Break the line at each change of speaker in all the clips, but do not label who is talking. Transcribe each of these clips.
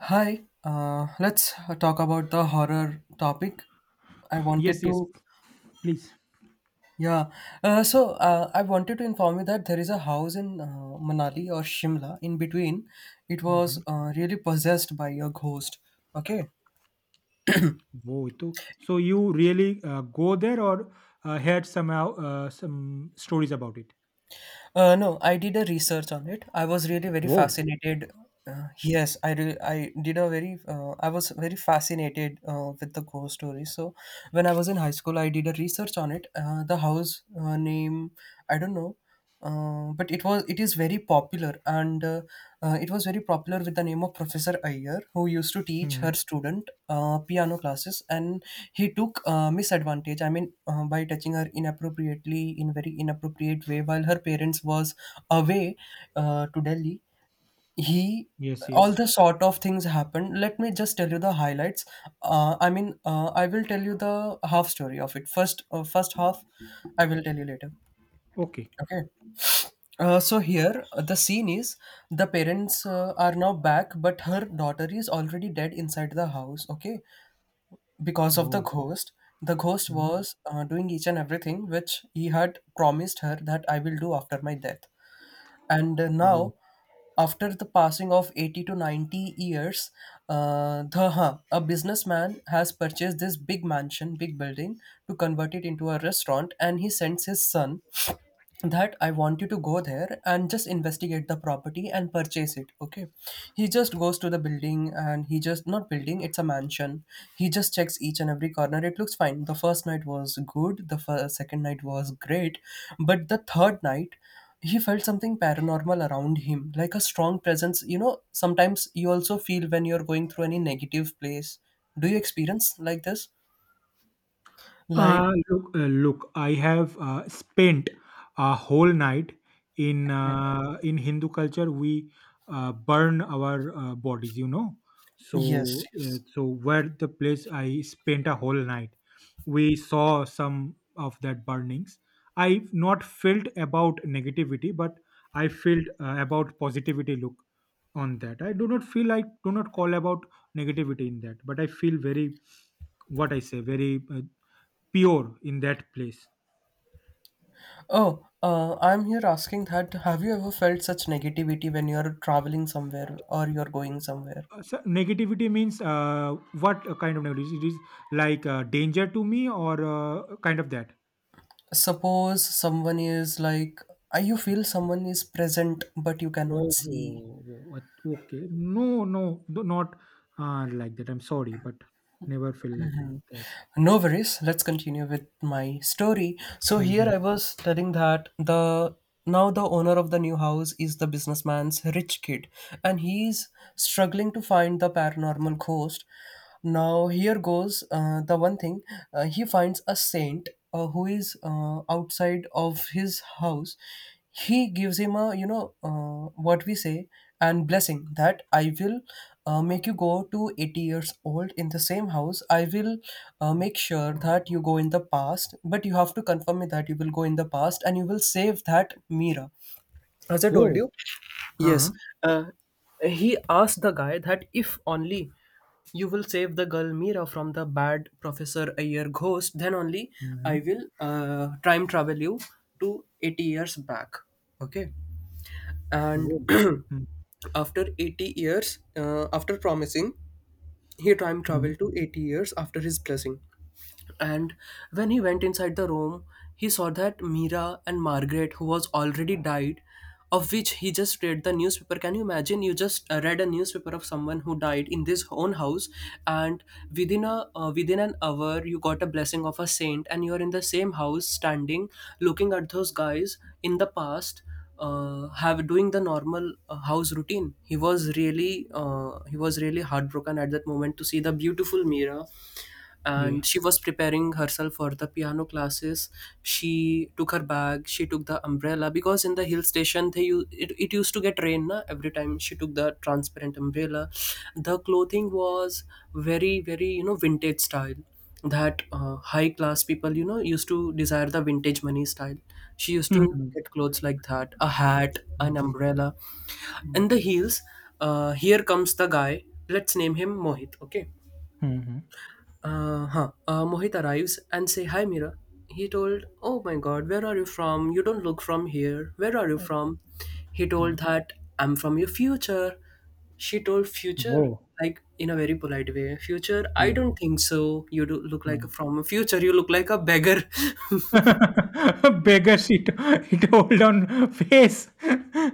Hi, let's talk about the horror topic. I wanted
Yes, yes,
to,
please.
yeah. So I wanted to inform you that there is a house in Manali or Shimla. In between, it was
Mhm.
really possessed by a ghost. Okay.
Wow, Itu. So you really go there or heard somehow some stories about it?
No, I did a research on it. I was really very
Wow.
fascinated. Yes, I was very fascinated with the ghost story. So when I was in high school, I did a research on it. The house name I don't know, but it is very very popular and it was very popular with the name of Professor Iyer, who used to teach her
Mhm.
student piano classes, and he took misadvantage, I mean, by touching her inappropriately in very inappropriate way while her parents was away, to Delhi. He,
Yes,
all
yes.
the sort of things happened. Let me just tell you the highlights. I mean, I will tell you the half story of it first. First half I will tell you later.
Okay.
Okay. So here, the scene is, the parents are now back, but her daughter is already dead inside the house. Okay, because of the
Wow.
ghost. The ghost
Mhm.
was doing each and everything which he had promised her that I will do after my death. And
Wow.
now, after the passing of 80 to 90 years, a businessman has purchased this big mansion, big building, to convert it into a restaurant, and he sends his son that I want you to go there and just investigate the property and purchase it. Okay. He just goes to the building and he just, not building, it's a mansion. He just checks each and every corner. It looks fine. The first night was good. The first, second night was great. But the third night, he felt something paranormal around him, like a strong presence. You know, sometimes you also feel when you're going through any negative place. Do you experience like this? Like,
Look, I have spent a whole night in in Hindu culture. We burn our bodies, you know.
yes,
So, uh,
yes.
so where the place I spent a whole night, we saw some of that burnings. I've not felt about negativity, but I felt about positivity. Look on that. I do not call about negativity in that, but I feel very, what I say, very pure in that place.
Oh, I'm here asking that have you ever felt such negativity when you're traveling somewhere or you're going somewhere?
So negativity means what kind of negativity? It is like danger to me or kind of that.
Suppose someone is like, you feel someone is present, but you cannot
Oh,
see.
wo- wo- what- okay. No, no, no, not like that. I'm sorry, but never feel like
Mhm.
that.
No worries. Let's continue with my story. So here
Mm-hmm.
I was telling that the now the owner of the new house is the businessman's rich kid, and he's struggling to find the paranormal ghost. Now here goes the one thing. He finds a saint who is outside of his house. He gives him a, you know, what we say, and blessing that I will, make you go to 80 years old in the same house. I will, make sure that you go in the past, but you have to confirm me that you will go in the past and you will save that Mira, as I told
Whoa.
you. Yes,
Uh-huh.
uh, he asked the guy that if only you will save the girl Mira from the bad Professor Ayer ghost, then only
Mm-hmm.
I will time travel you to 80 years back. Okay. And
Whoa.
after 80 years, after promising, he time
Mm-hmm.
traveled to 80 years after his blessing. And when he went inside the room, he saw that Mira and Margaret, who was already died, of which he just read the newspaper. Can you imagine? You just read a newspaper of someone who died in this own house, and within an hour, you got a blessing of a saint, and you're in the same house, standing, looking at those guys in the past, have doing the normal house routine. He was really heartbroken at that moment to see the beautiful Mira,
Yeah.
and she was preparing herself for the piano classes. She took her bag, she took the umbrella, because in the hill station it used to get rain na? Every time she took the transparent umbrella. The clothing was very very, you know, vintage style, that high class people, you know, used to desire the vintage money style. She used to
Mm-hmm.
get clothes like that: a hat, an umbrella and the heels. Here comes the guy. Let's name him Mohit. Okay.
Mm-hmm.
Huh. Mohit arrives and say, "Hi, Mira." He told, "Oh my God, where are you from? You don't look from here. Where are you from?" He told that, "I'm from your future." She told, "Future,"
Whoa.
like in a very polite way. Future, I
Yeah.
don't think so. You do look like
Wow.
a from a future. You look like a beggar.
Beggar she to it hold on face.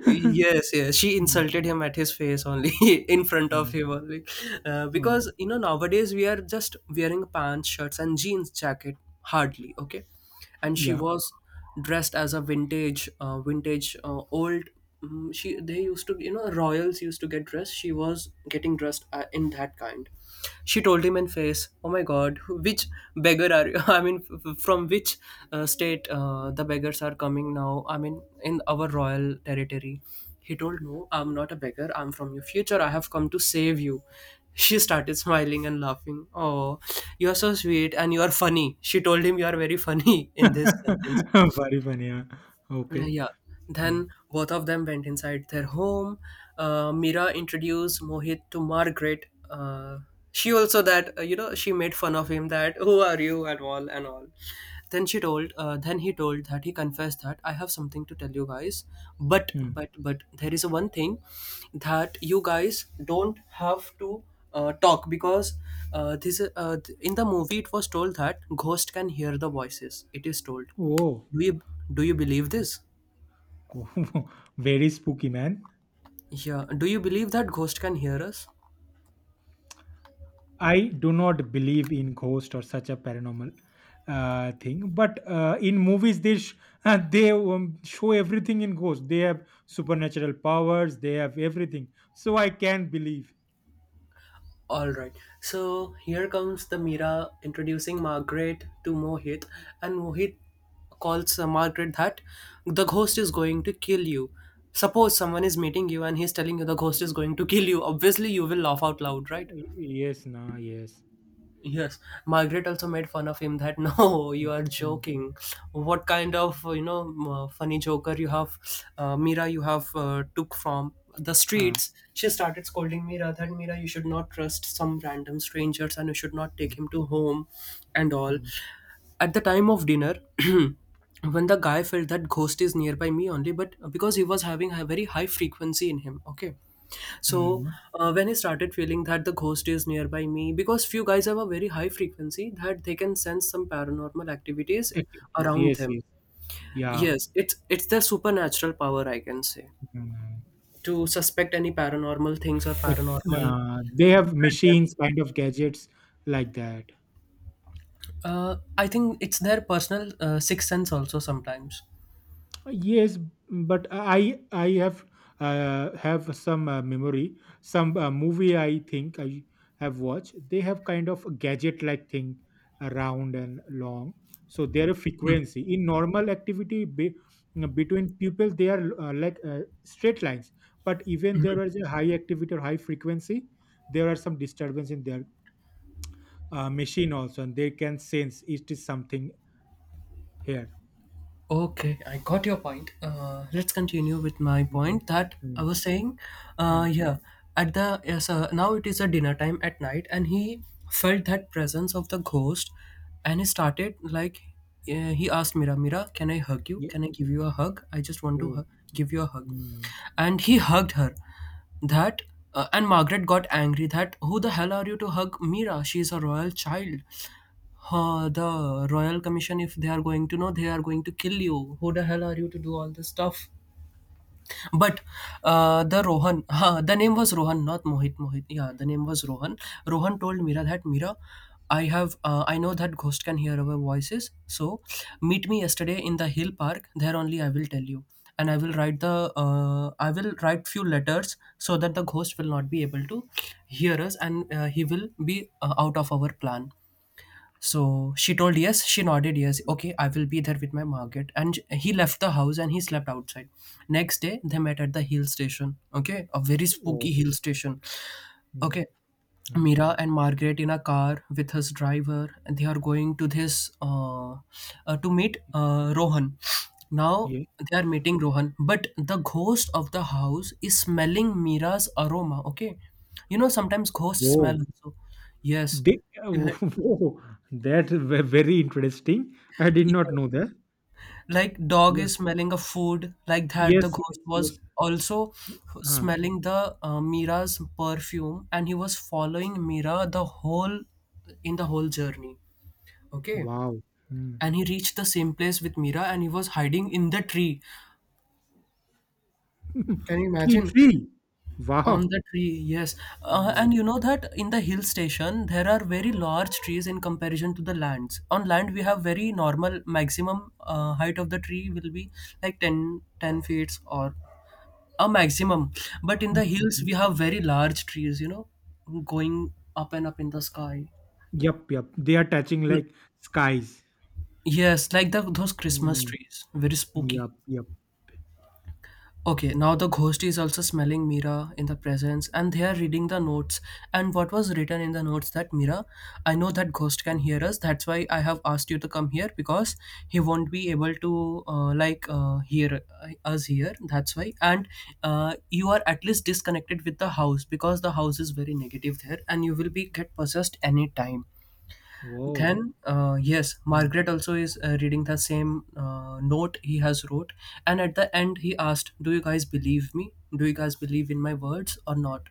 Yes, yes, she insulted him at his face only, in front of
Hmm,
him only,
hmm,
because, you know, nowadays we are just wearing pants, shirts and jeans jacket, hardly. Okay. And she
yeah.
was dressed as a vintage old, she they used to, you know, royals used to get dressed. She was getting dressed in that kind. She told him in face, "Oh my God, which beggar are you? I mean, from which state the beggars are coming now? I mean, in our royal territory." He told, "No, I'm not a beggar. I'm from your future. I have come to save you." She started smiling and laughing. Oh, you are so sweet and you are funny. She told him, "You are very funny." In this sentence,
Very funny, yeah. Okay.
yeah.
Hmm,
Then both of them went inside their home. Mira introduced Mohit to Margaret. She also that, you know, she made fun of him that who are you and all and all. Then she told. Then he told that he confessed that I have something to tell you guys, but,
hmm.
there is one thing that you guys don't have to talk, because in the movie it was told that ghost can hear the voices. It is told.
Oh,
Do you do you believe this?
very spooky, man.
Yeah. Do you believe that ghost can hear us?
I do not believe in ghost or such a paranormal thing, but in movies they show everything in ghost. They have supernatural powers. They have everything. So I can believe.
All right. So here comes the Mira introducing Margaret to Mohit, and Mohit calls Margaret that the ghost is going to kill you. Suppose someone is meeting you and he's telling you the ghost is going to kill you. Obviously, you will laugh out loud, right?
Y- Yes, nah, yes.
Yes, Margaret also made fun of him that no, you
Mm,
are
mm.
joking. What kind of, you know, funny joker you have, Mira? You have took from the
Huh.
streets. She started scolding Mira that Mira, you should not trust some random strangers and you should not
Hmm.
take him to home, and all.
Hmm.
At the time of dinner, when the guy felt that ghost is nearby me only, but because he was having a very high frequency in him. Okay, so
Hmm.
uh, when I started feeling that the ghost is nearby me, because few guys have a very high frequency that they can sense some paranormal activities
Activities.
around
Yes,
them.
yes. Yeah.
Yes, it's their supernatural power, I can say,
Hmm.
to suspect any paranormal things or paranormal
They have
presence.
machines, kind of gadgets like that.
I think it's their personal sixth sense also sometimes.
Yes, but I have some memory. Some movie, I think I have watched. They have kind of a gadget like thing, round and long. So they are frequency in normal activity be, between people. They are like straight lines. But even there is a high activity or high frequency, there are some disturbance in their machine also, and they can sense it is something here.
Okay, I got your point. Let's continue with my
Mhm.
point that I
Mm.
was saying.
Mm.
Yeah, at the yes, now it is a dinner time at night, and he felt that presence of the ghost, and he started like, he asked Mira, Mira, can I hug you?
Yeah.
Can I give you a hug? I just want to
Oh.
hug, give you a hug,
Mm.
and he hugged her. That And Margaret got angry. That, who the hell are you to hug Mira? She is a royal child. The Royal Commission, if they are going to know, they are going to kill you. Who the hell are you to do all this stuff? But the name was Rohan, not Mohit. Mohit, yeah, the name was Rohan. Rohan told Mira that Mira, I know that ghost can hear our voices. So meet me yesterday in the hill park. There only I will tell you, and I will write few letters so that the ghost will not be able to hear us, and he will be out of our plan. So she told yes. She nodded yes. Okay, I will be there with my Margaret. And he left the house and he slept outside. Next day, they met at the hill station. Okay, a very
Oh,
spooky hill station.
mm,
Okay,
mm,
Mira and Margaret in a car with his driver, and they are going to this to meet Rohan. Now
yeah.
they are meeting Rohan, but the ghost of the house is smelling Mira's aroma. Okay, you know sometimes ghosts smell
Whoa.
also. Yes,
They, whoa. That's very interesting. I did not
yes.
know that.
Like dog
Yeah.
is smelling a food like that the
Yes, yes,
ghost
yes.
was also
Ah,
smelling the Mira's perfume and he was following Mira the whole in the whole journey. Okay,
wow. Mm.
and he reached the same place with Mira and he was hiding in the tree. Can you
Tree,
imagine?
tree.
On
Wow.
the tree, yes. And
Wow.
you know that in the hill station there are very large trees in comparison to the lands. On land we have very normal maximum height of the tree will be like ten feet or a maximum, but in the hills
Mhm.
we have very large trees, you know, going up and up in the sky.
Yup, yup. They are touching like skies.
Yes, like the those Christmas
Mm.
trees, very spooky.
Yup, yup.
Okay, now the ghost is also smelling Mira in the presence and they are reading the notes. And what was written in the notes that Mira, I know that ghost can
Mm.
hear us. That's why I have asked you to come here because he won't be able to hear us here. That's why. And you are at least disconnected with the house because the house is very negative there and you will be get possessed any time.
Whoa.
Then yes,
Mm.
Margaret also is reading the same note he has wrote, and at the end he asked, do you guys believe me? Do you guys believe in my words or not?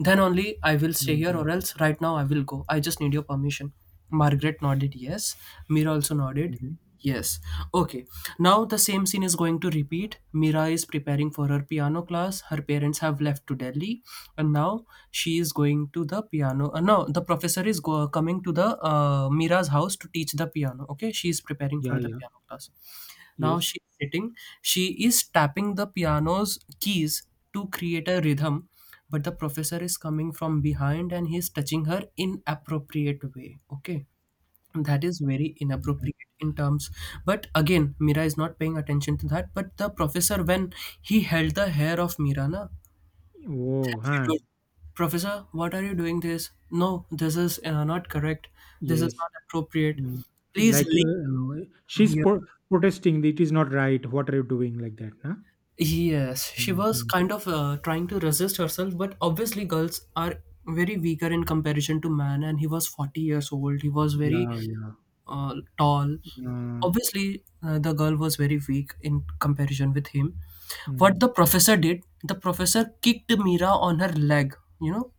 Then only I will stay
Hmm,
here,
hmm,
or else right now I will go. I just need your permission. Margaret nodded yes. Mira also nodded
hmm.
yes. Okay, now the same scene is going to repeat. Mira is preparing for her piano class. Her parents have left to Delhi, and now she is going to the piano. No, the professor is go- coming to the Mira's house to teach the piano. Okay, she is preparing for
Yeah,
the
yeah.
piano class. Now
Yes.
she's sitting. She is tapping the piano's keys to create a rhythm, but the professor is coming from behind and he's touching her inappropriate way. Okay. That is very
Mhm.
inappropriate in terms. But again, Mira is not paying attention to that. But the professor, when he held the hair of Mira, na, then
Whoa.
she
Huh.
told, Professor, what are you doing this? No, this is not correct. This is
Yes.
not appropriate.
Mm.
Please
Like
leave
she's
here.
protesting that it is not right. What are you doing like that? Nah?
Yes, she was
Hmm.
kind of trying to resist herself, but obviously, girls are very weaker in comparison to man. And he was 40 years old. He was very
Yeah, yeah.
tall.
Uh,
Obviously, the girl was very weak in comparison with him. What
mm.
the professor did, the professor kicked Mira on her leg. You know,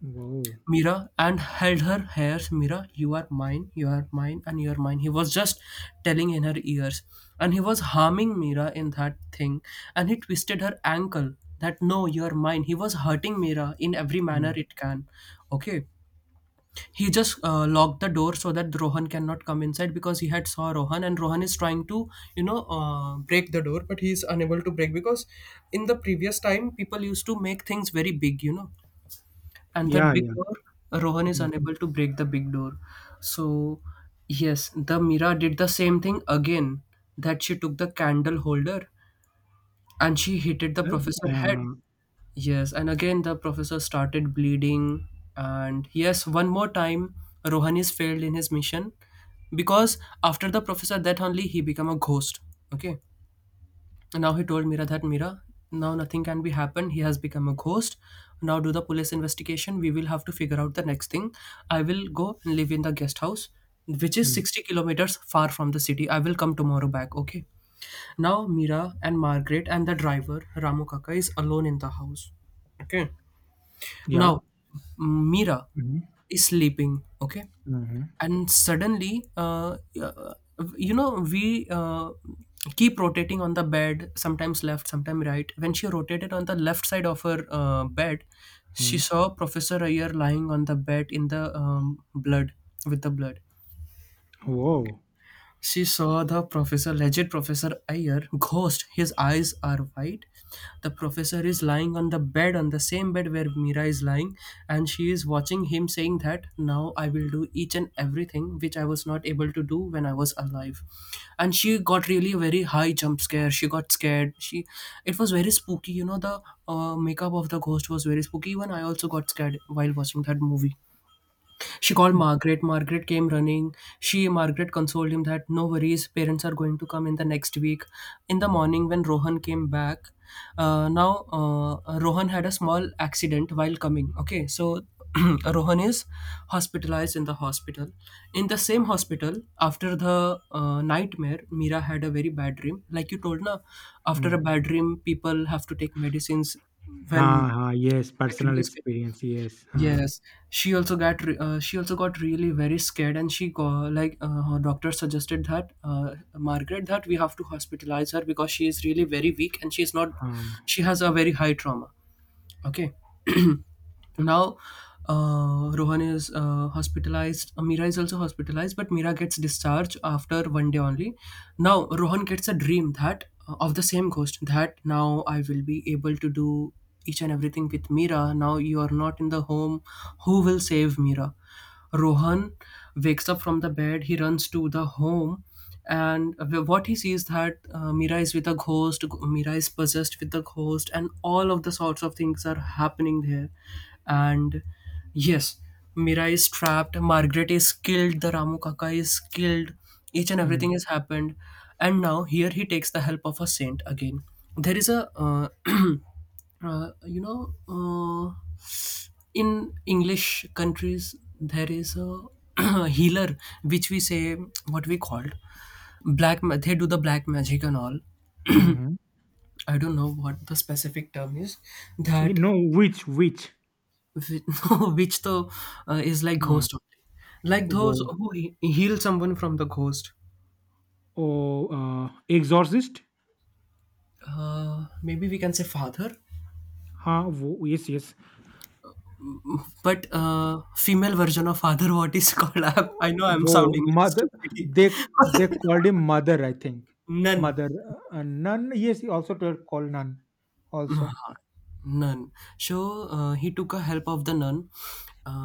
Wow.
Mira, and held her hairs. Mira, you are mine, and you are mine. He was just telling in her ears. And he was harming Mira in that thing. And he twisted her ankle that no, you are mine. He was hurting Mira in every manner
Mm.
it can. Okay. He just locked the door so that Rohan cannot come inside because he had saw Rohan, and Rohan is trying to, you know, break the door, but he is unable to break because in the previous time people used to make things very big, you know, and that
Yeah,
big
yeah.
door, Rohan is
Mm.
unable to break the big door. So yes, the Mira did the same thing again, that she took the candle holder and she hit it the
Uh,
professor head.
uh,
Yes, and again the professor started bleeding. And yes, one more time Rohan is failed in his mission, because after the professor that only he become a ghost. Okay, and now he told Mira that Mira, now nothing can be happened. He has become a ghost. Now do the police investigation. We will have to figure out the next thing. I will go and live in the guest house, which is
mm.
60 kilometers far from the city. I will come tomorrow back. Okay. Now Mira and Margaret and the driver Ramu Kaka is alone in the house. Okay.
Yeah.
Now Mira
Mm-hmm.
is sleeping. Okay,
Mm-hmm.
and suddenly you know, we keep rotating on the bed, sometimes left, sometimes right. When she rotated on the left side of her bed, she saw Professor Ayer lying on the bed in the blood, with the blood.
Whoa.
She saw the professor, legit Professor Ayer, ghost. His eyes are white. The professor is lying on the bed, on the same bed where Mira is lying, and she is watching him saying that now I will do each and everything which I was not able to do when I was alive. And she got really a very high jump scare. She got scared. She, it was very spooky, you know, the makeup of the ghost was very spooky. Even I also got scared while watching that movie. She called Margaret. Margaret came running. She, Margaret, consoled him that no worries, parents are going to come in the next week. In the morning, when Rohan came back, now Rohan had a small accident while coming. Okay, so Rohan is hospitalized in the hospital. In the same hospital, after the nightmare, Mira had a very bad dream. Like you told, na, after
Mm.
a bad dream, people have to take medicines when
Ha, ha,
they
yes,
get
personal
really scared.
experience. Yes. Ha,
Yes, she also she also got really very scared, and she got like her doctor suggested that Margaret that we have to hospitalize her because she is really very weak and she is not,
ha.
she has a very high trauma. Okay, now, Rohan is hospitalized. Mira is also hospitalized, but Mira gets discharged after one day only. Now, Rohan gets a dream that of the same ghost that now I will be able to do each and everything with Mira. Now you are not in the home. Who will save Mira? Rohan wakes up from the bed. He runs to the home, and what he sees that Mira is with a ghost. Mira is possessed with the ghost, and all of the sorts of things are happening there. And yes, Mira is trapped. Margaret is killed. The Ramu Kaka is killed. Each and
Mm.
everything has happened, and now here he takes the help of a saint again. There is a you know. In English countries there is a healer, which we say, what we called, they do the black magic and all.
Mm-hmm.
I don't know what the specific term is,
Eh,
that
no, which, which?
which the is like
Uh,
ghost only, like those
whoa.
who heal someone from the ghost.
Oh, exorcist?
Maybe we can say father,
Ha, wo- yes, yes.
but female version of father, what is called, I know I'm
वो
sounding
mother,
stupid.
they they called him mother, I think.
None.
Mother nun. Yes, he also called nun
Nah,
also.
Nun. So he took a help of the nun.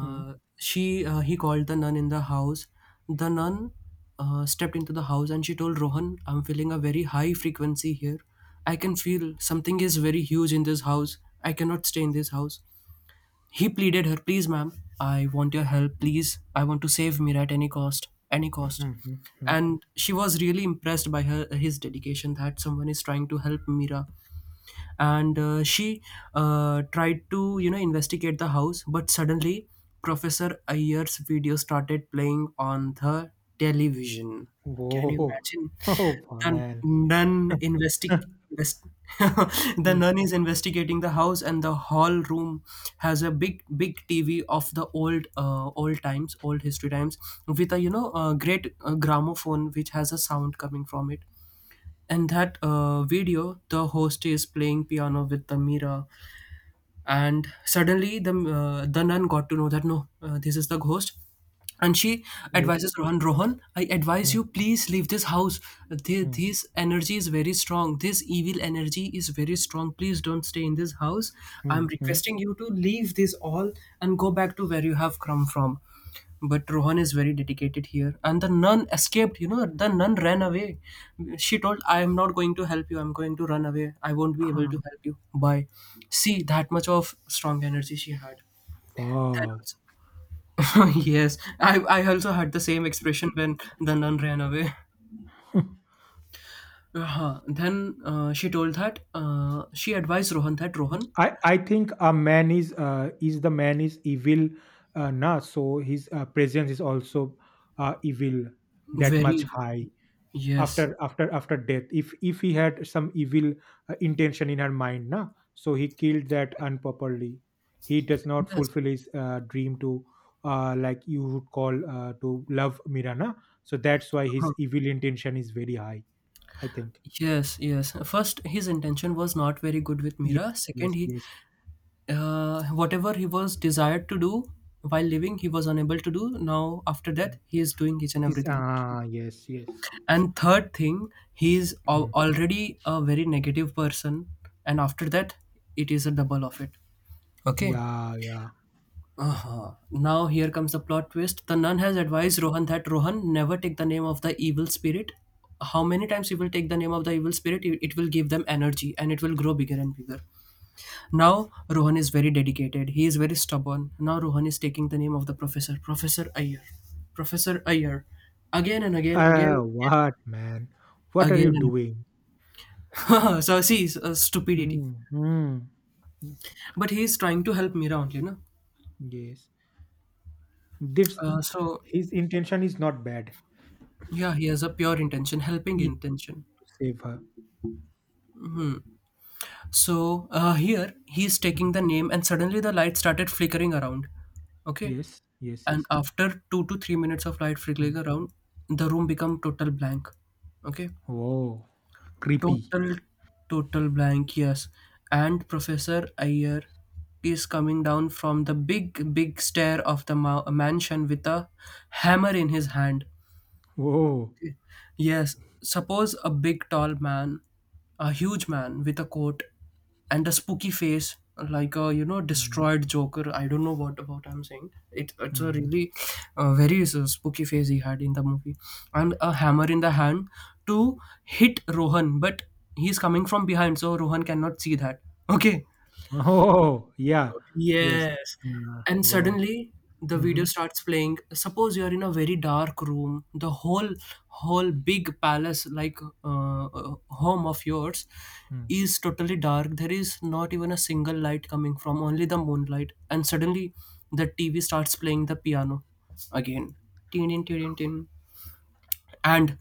Hmm.
She he called the nun in the house. The nun stepped into the house and she told Rohan, "I'm feeling a very high frequency here. I can feel something is very huge in this house. I cannot stay in this house." He pleaded her, "Please, ma'am, I want your help. Please, I want to save Mira at any cost, any cost."
Hmm. Hmm, hmm.
And she was really impressed by her his dedication that someone is trying to help Mira, and she tried to, you know, investigate the house, but suddenly Professor Ayer's video started playing on the television. Can you
Whoa.
imagine,
Oh
the
man.
nun invest- the
Hmm,
nun is investigating the house, and the hall room has a big TV of the old old times, old history times, with a, you know, a great gramophone which has a sound coming from it. In that video the host is playing piano with the mirror, and suddenly the nun got to know that no, this is the ghost. And she
yes.
advises Rohan, Rohan, I advise
Hmm,
you, please leave this house.
hmm,
This energy is very strong, this evil energy is very strong, please don't stay in this house.
hmm,
I'm
hmm.
requesting you to leave this all and go back to where you have come from. But Rohan is very dedicated here. And the nun escaped, you know, the nun ran away. She told, I am not going to help you. I'm going to run away. I won't be able
Ah,
to help you. Bye. See, that much of strong energy she had. That
wow.
also. Yes, I also had the same expression when the nun ran away. Uh-huh. Then she told that she advised Rohan that
Hmm,
Rohan,
I think a man is the man is evil, na, so his presence is also evil, that much
very,
high.
yes,
After after after death, if he had some evil intention in her mind, na, so he killed that unproperly. He does not
yes.
fulfill his dream to like you would call to love mirana so that's why
Uh-huh.
his evil intention is very high, I think.
Yes, yes. First, his intention was not very good with
Yes,
Mira. Second,
yes,
he,
yes
whatever he was desired to do while living, he was unable to do. Now after death, he is doing each and
is
everything.
ah yes yes.
And third thing, he is
Hmm.
already a very negative person, and after that it is a double of it. Okay.
Yeah, yeah.
Uh-huh. Now here comes the plot twist. The nun has advised Rohan that, Rohan, never take the name of the evil spirit. How many times he will take the name of the evil spirit, it will give them energy and it will grow bigger and bigger. Now Rohan is very dedicated. He is very stubborn. Now Rohan is taking the name of the professor, Professor Iyer, Professor Iyer, again and again, again,
Ah, what, man, what are
again
you
and
doing?
again. So see, it's, stupidity.
Hmm. Hmm. Hmm,
But he is trying to help Mira only, no?
yes. That's
So
his intention is not bad.
yeah, he has a pure intention, helping
He to
intention.
save her.
Hmm. So, here he is
Mm.
taking the name, and suddenly the light started flickering around. Okay,
Yes, yes,
and
yes.
after 2 to 3 minutes of light flickering
Mm.
around, the room become total blank. Okay.
Whoa, creepy.
Total, total blank, yes. And Professor Ayer is coming down from the big, big stair of the mansion with a hammer in his hand.
Whoa.
Okay. Yes, suppose a big tall man, a huge man with a coat and a spooky face, like a
Mm.
destroyed Joker. I don't know what about I'm saying. It's a
Mm.
really very spooky face he had in the movie, and a hammer in the hand to hit Rohan, but he's coming from behind, so Rohan cannot see that. Okay.
Oh, yeah. Yes.
Yes. And
Wow.
suddenly the video
Mm-hmm.
starts playing. Suppose you are in a very dark room, the whole big palace, like home of yours, is totally dark. There is not even a single light coming from only the moonlight. And suddenly the TV starts playing the piano again. Tin tin tin tin, tin. And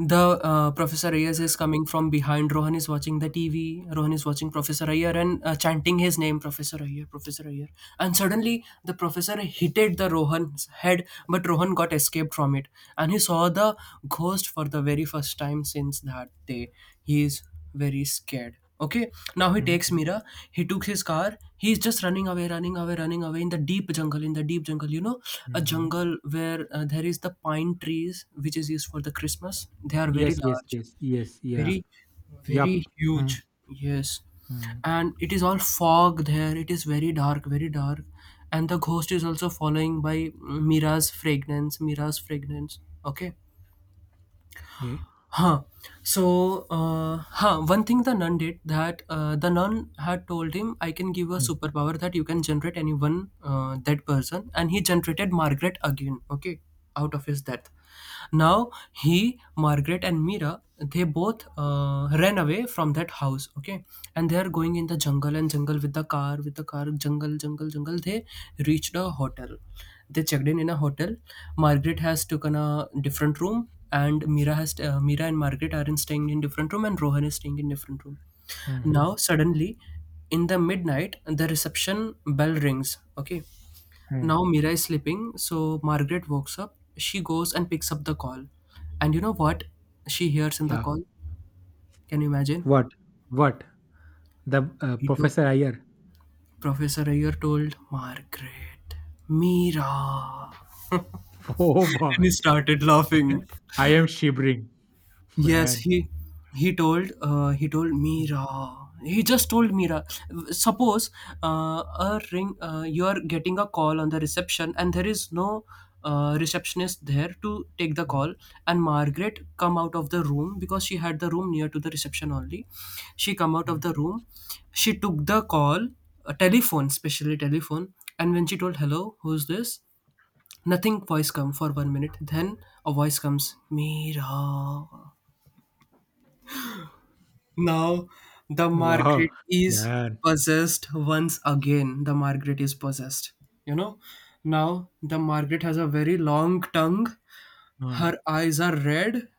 the Professor Ayer is coming from behind. Rohan is watching the TV. Rohan is watching Professor Ayer and chanting his name, Professor Ayer, Professor Ayer. And suddenly the professor hitted the Rohan's head, but Rohan got escaped from it, and he saw the ghost for the very first time. Since that day he is very scared. Okay, now he takes
Mm-hmm.
Mira. He took his car. He's just running away, running away, running away in the deep jungle. In the deep jungle, a
Mm-hmm.
jungle where there is the pine trees, which is used for the Christmas. They are very
Yes, yes,
large,
yes, yes. Yeah.
very, very
Yup. Mm.
huge. Yes,
Mm.
and it is all fog there. It is very dark, and the ghost is also following by Mira's fragrance, Mira's fragrance. Okay.
Yeah.
Huh. So, huh. One thing the nun did, that the nun had told him, "I can give a
Mm.
superpower that you can generate anyone, that person," and he generated Margaret again. Okay, out of his death. Now he, Margaret, and Mira, they both ran away from that house. Okay, and they are going in the jungle and jungle with the car, with the car, jungle jungle jungle. They reached a hotel. They checked in a hotel. Margaret has taken a different room, and Mira and Margaret are in staying in different room, and Rohan is staying in different room.
Mm-hmm.
Now suddenly, in the midnight, the reception bell rings. Okay,
Mm.
now Mira is sleeping, so Margaret wakes up. She goes and picks up the call. And you know what she hears in the
Yeah.
call? Can you imagine?
What? What? The
He told,
Professor Ayer.
Professor Ayer told Margaret, "Mira."
Oh
And
boy.
he started laughing.
I am shivering,
Yes,
man.
he told
Mm,
Mira. He just told Mira. Suppose, uh, a ring. You are getting a call on the reception, and there is no receptionist there to take the
mm,
call. And Margaret come out of the room because she had the room near to the reception only. She come out of
mm.
the room. She took the call, a telephone, especially telephone. And when she told, "Hello, who's this?" Nothing voice come for 1 minute. Then a voice comes, "Mira." Now the
Wow,
Margaret is
man.
possessed once again. The Margaret is possessed. You know, now the Margaret has a very long tongue.
Uh,
Her eyes are red.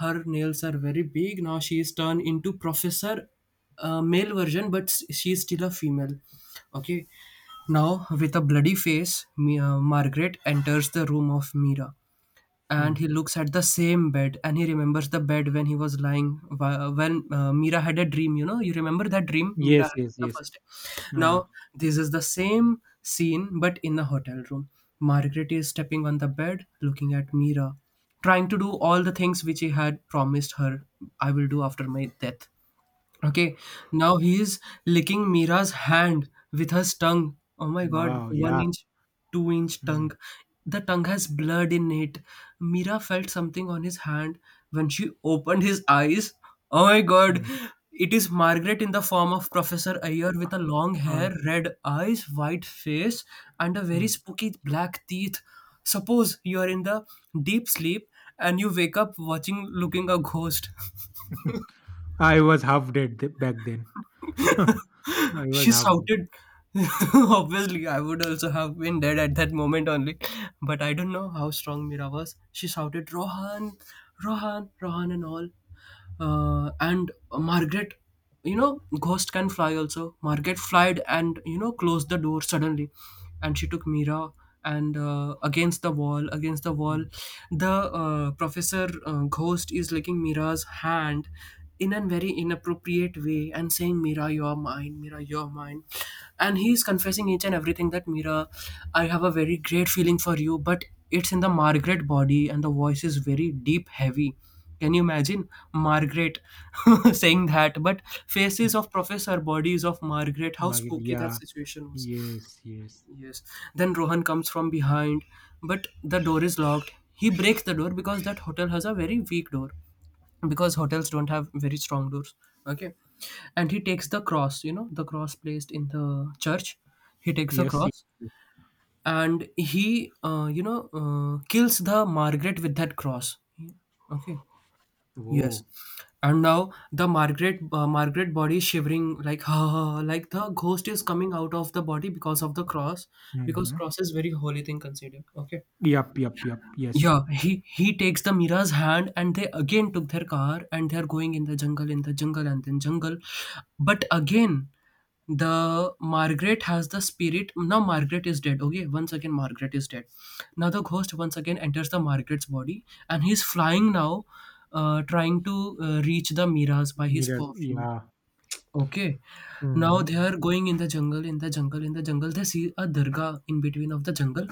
Her nails are very big. Now she is turned into Professor, male version, but she is still a female. Okay. Now, with a bloody face, Margaret enters the room of Mira,
hmm.
and he looks at the same bed, and he remembers the bed when he was lying, when Mira had a dream. You remember that dream Mira
Yes,
had
yes,
the
yes.
first day?
Uh,
Now this is the same scene but in the hotel room. Margaret is stepping on the bed, looking at Mira, trying to do all the things which he had promised her, I will do after my death. Okay, now he is licking Mira's hand with his tongue. Oh my god,
wow,
one
yeah.
inch, 2 inch
Hmm,
tongue. The tongue has blood in it. Mira felt something on his hand when she opened his eyes. Oh my god,
hmm.
it is Margaret in the form of Professor Ayer with a long
Uh,
hair, red eyes, white face, and a very
hmm.
spooky black teeth. Suppose you are in the deep sleep and you wake up watching looking a ghost.
I was half dead back then. Huh. I was
She
half dead.
shouted. Obviously, I would also have been dead at that moment only, but I don't know how strong Mira was. She shouted, "Rohan, Rohan, Rohan," and all. And Margaret, ghost can fly also. Margaret flied and closed the door suddenly, and she took Mira and, against the wall, against the wall,
Hmm.
the professor, ghost is licking Mira's hand in a very inappropriate way and saying, "Mira, you're mine, Mira, you're mine," and he's confessing each and everything, that Mira, I have a very great feeling for you, but it's in the Margaret body, and the voice is very deep heavy. Can you imagine Margaret saying that? But faces of professor, bodies of Margaret, how
Market,
spooky that
yeah.
situation was.
Yes, yes.
Yes. Then Rohan comes from behind, but the door is locked. He breaks the door because that hotel has a very weak door because hotels don't have very strong doors. Okay. And he takes the cross, you know, the cross placed in the church. He takes the
Yes, yes,
cross,
yes.
and he, kills the Margaret with that cross. Okay. Yes,
Whoa.
and now the Margaret body is shivering like like the ghost is coming out of the body because of the cross, because
Mm-hmm.
cross is very holy thing considered. Okay,
Yup, yup, yup. Yes.
yeah, he takes the Mira's hand, and they again took their car, and they are going in the jungle, and then jungle. But again, the Margaret has the spirit. Now Margaret is dead. Okay, once again Margaret is dead. Now the ghost once again enters the Margaret's body, and he's flying now, trying to reach the Mira's by his
Mirrors,
perfume.
yeah.
Okay. Now
Mm-hmm.
they are going in the jungle, in the jungle, in the jungle. They see a dargah in between of the jungle.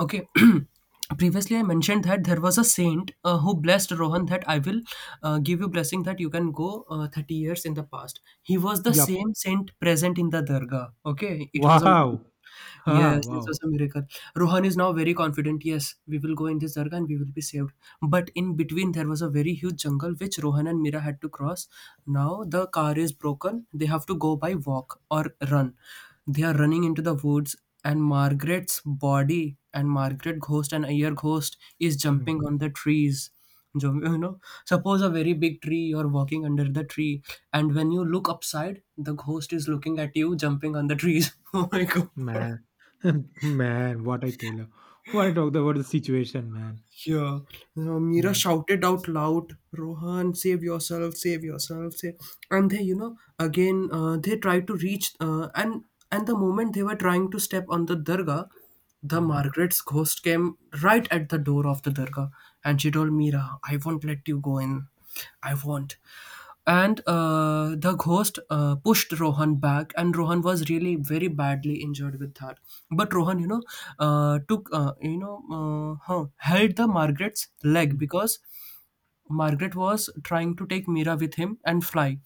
Okay. Previously, I mentioned that there was a saint who blessed Rohan that, I will give you blessing that you can go 30 years in the past. He was the
Yup.
same saint present in the dargah. Okay. It was a
Wow.
miracle.
Ah,
Yes, this was
wow.
a miracle. Rohan is now very confident. Yes, we will go in this Dargah and we will be saved. But in between, there was a very huge jungle which Rohan and Mira had to cross. Now the car is broken. They have to go by walk or run. They are running into the woods, and Margaret's body and Margaret ghost and Ayer ghost is
Mm.
jumping on the trees. You know, suppose a very big tree, you're walking under the tree, and when you look upside, the ghost is looking at you, jumping on the trees. Oh my god.
Man. Man, what I tell you. What I talked about the situation, man.
Here, Mira
Mm.
shouted out loud, "Rohan, save yourself, save yourself, save." And they, again, they tried to reach, and the moment they were trying to step on the Durga, the
Mm,
Margaret's ghost came right at the door of the Durga, and she told Mira, "I won't let you go in. I won't." And the ghost pushed Rohan back, and Rohan was really very badly injured with that. But Rohan, took, you know, huh, held the Margaret's leg
mm.
because Margaret was trying to take Mira with him and fly.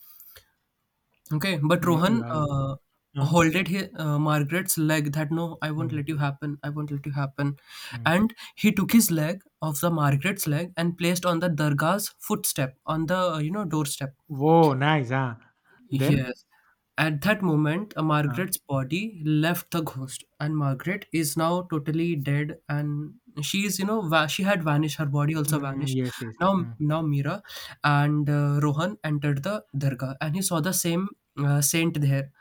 Okay, but
Yeah,
Rohan,
yeah, yeah. Uh,
holded his, Margaret's leg, that no, I won't
mm,
let you happen. I won't let you happen.
mm.
And he took his leg of the Margaret's leg and placed on the Durga's footstep, on the doorstep.
Woah, nice, huh? Then?
Yes. At that moment,
Huh.
Margaret's body left the ghost, and Margaret is now totally dead. And she is, you know, she had vanished. Her body also
Mm,
vanished.
yes, yes.
Now,
Mm,
now Mira and Rohan entered the dargah, and he saw the same saint there.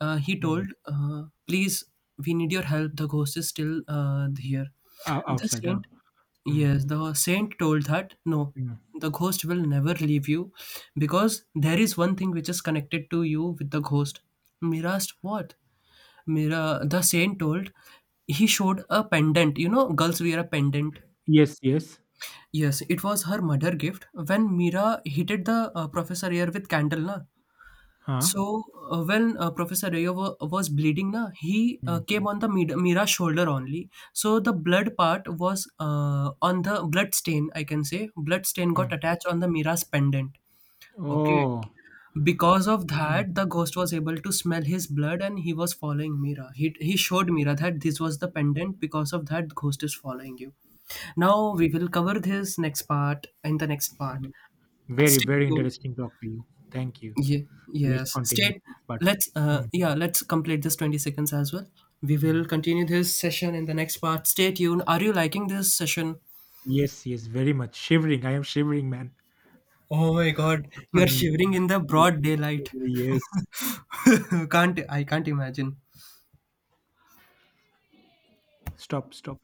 He told,
mm.
"Please, we need your help. The ghost is still here."
Ou-
The
outside, huh?
saint.
Mm,
Yes, the saint told that no,
mm.
the ghost will never leave you because there is one thing which is connected to you with the ghost. Mira asked, what? Mira, the saint told, he showed a pendant. You know, girls wear a pendant.
Yes, yes.
Yes, it was her mother gift. When Mira heated the professor here with candle, na,
Huh?
so when Professor Rayo was bleeding, na, he
Mm,
came on the Mira's shoulder only. So the blood part was, on the blood stain. I can say blood stain got
mm.
attached on the Mira's pendant. Okay,
Oh,
because of
mm,
that, the ghost was able to smell his blood, and he was following Mira. He showed Mira that this was the pendant. Because of that, ghost is following you. Now we will cover this next part in the next part.
mm. Very,
Stay
very
tuned.
interesting talk to you. Thank you. Let's
Yes.
continue.
State.
But,
Let's.
mm,
Yeah. Let's complete this 20 seconds as well. We
mm.
will continue this session in the next part. Stay tuned. Are you liking this session?
Yes, yes, very much. Shivering. I am shivering, man.
Oh my God! You are shivering in the broad daylight.
Mm, yes.
can't I can't imagine.
Stop, stop.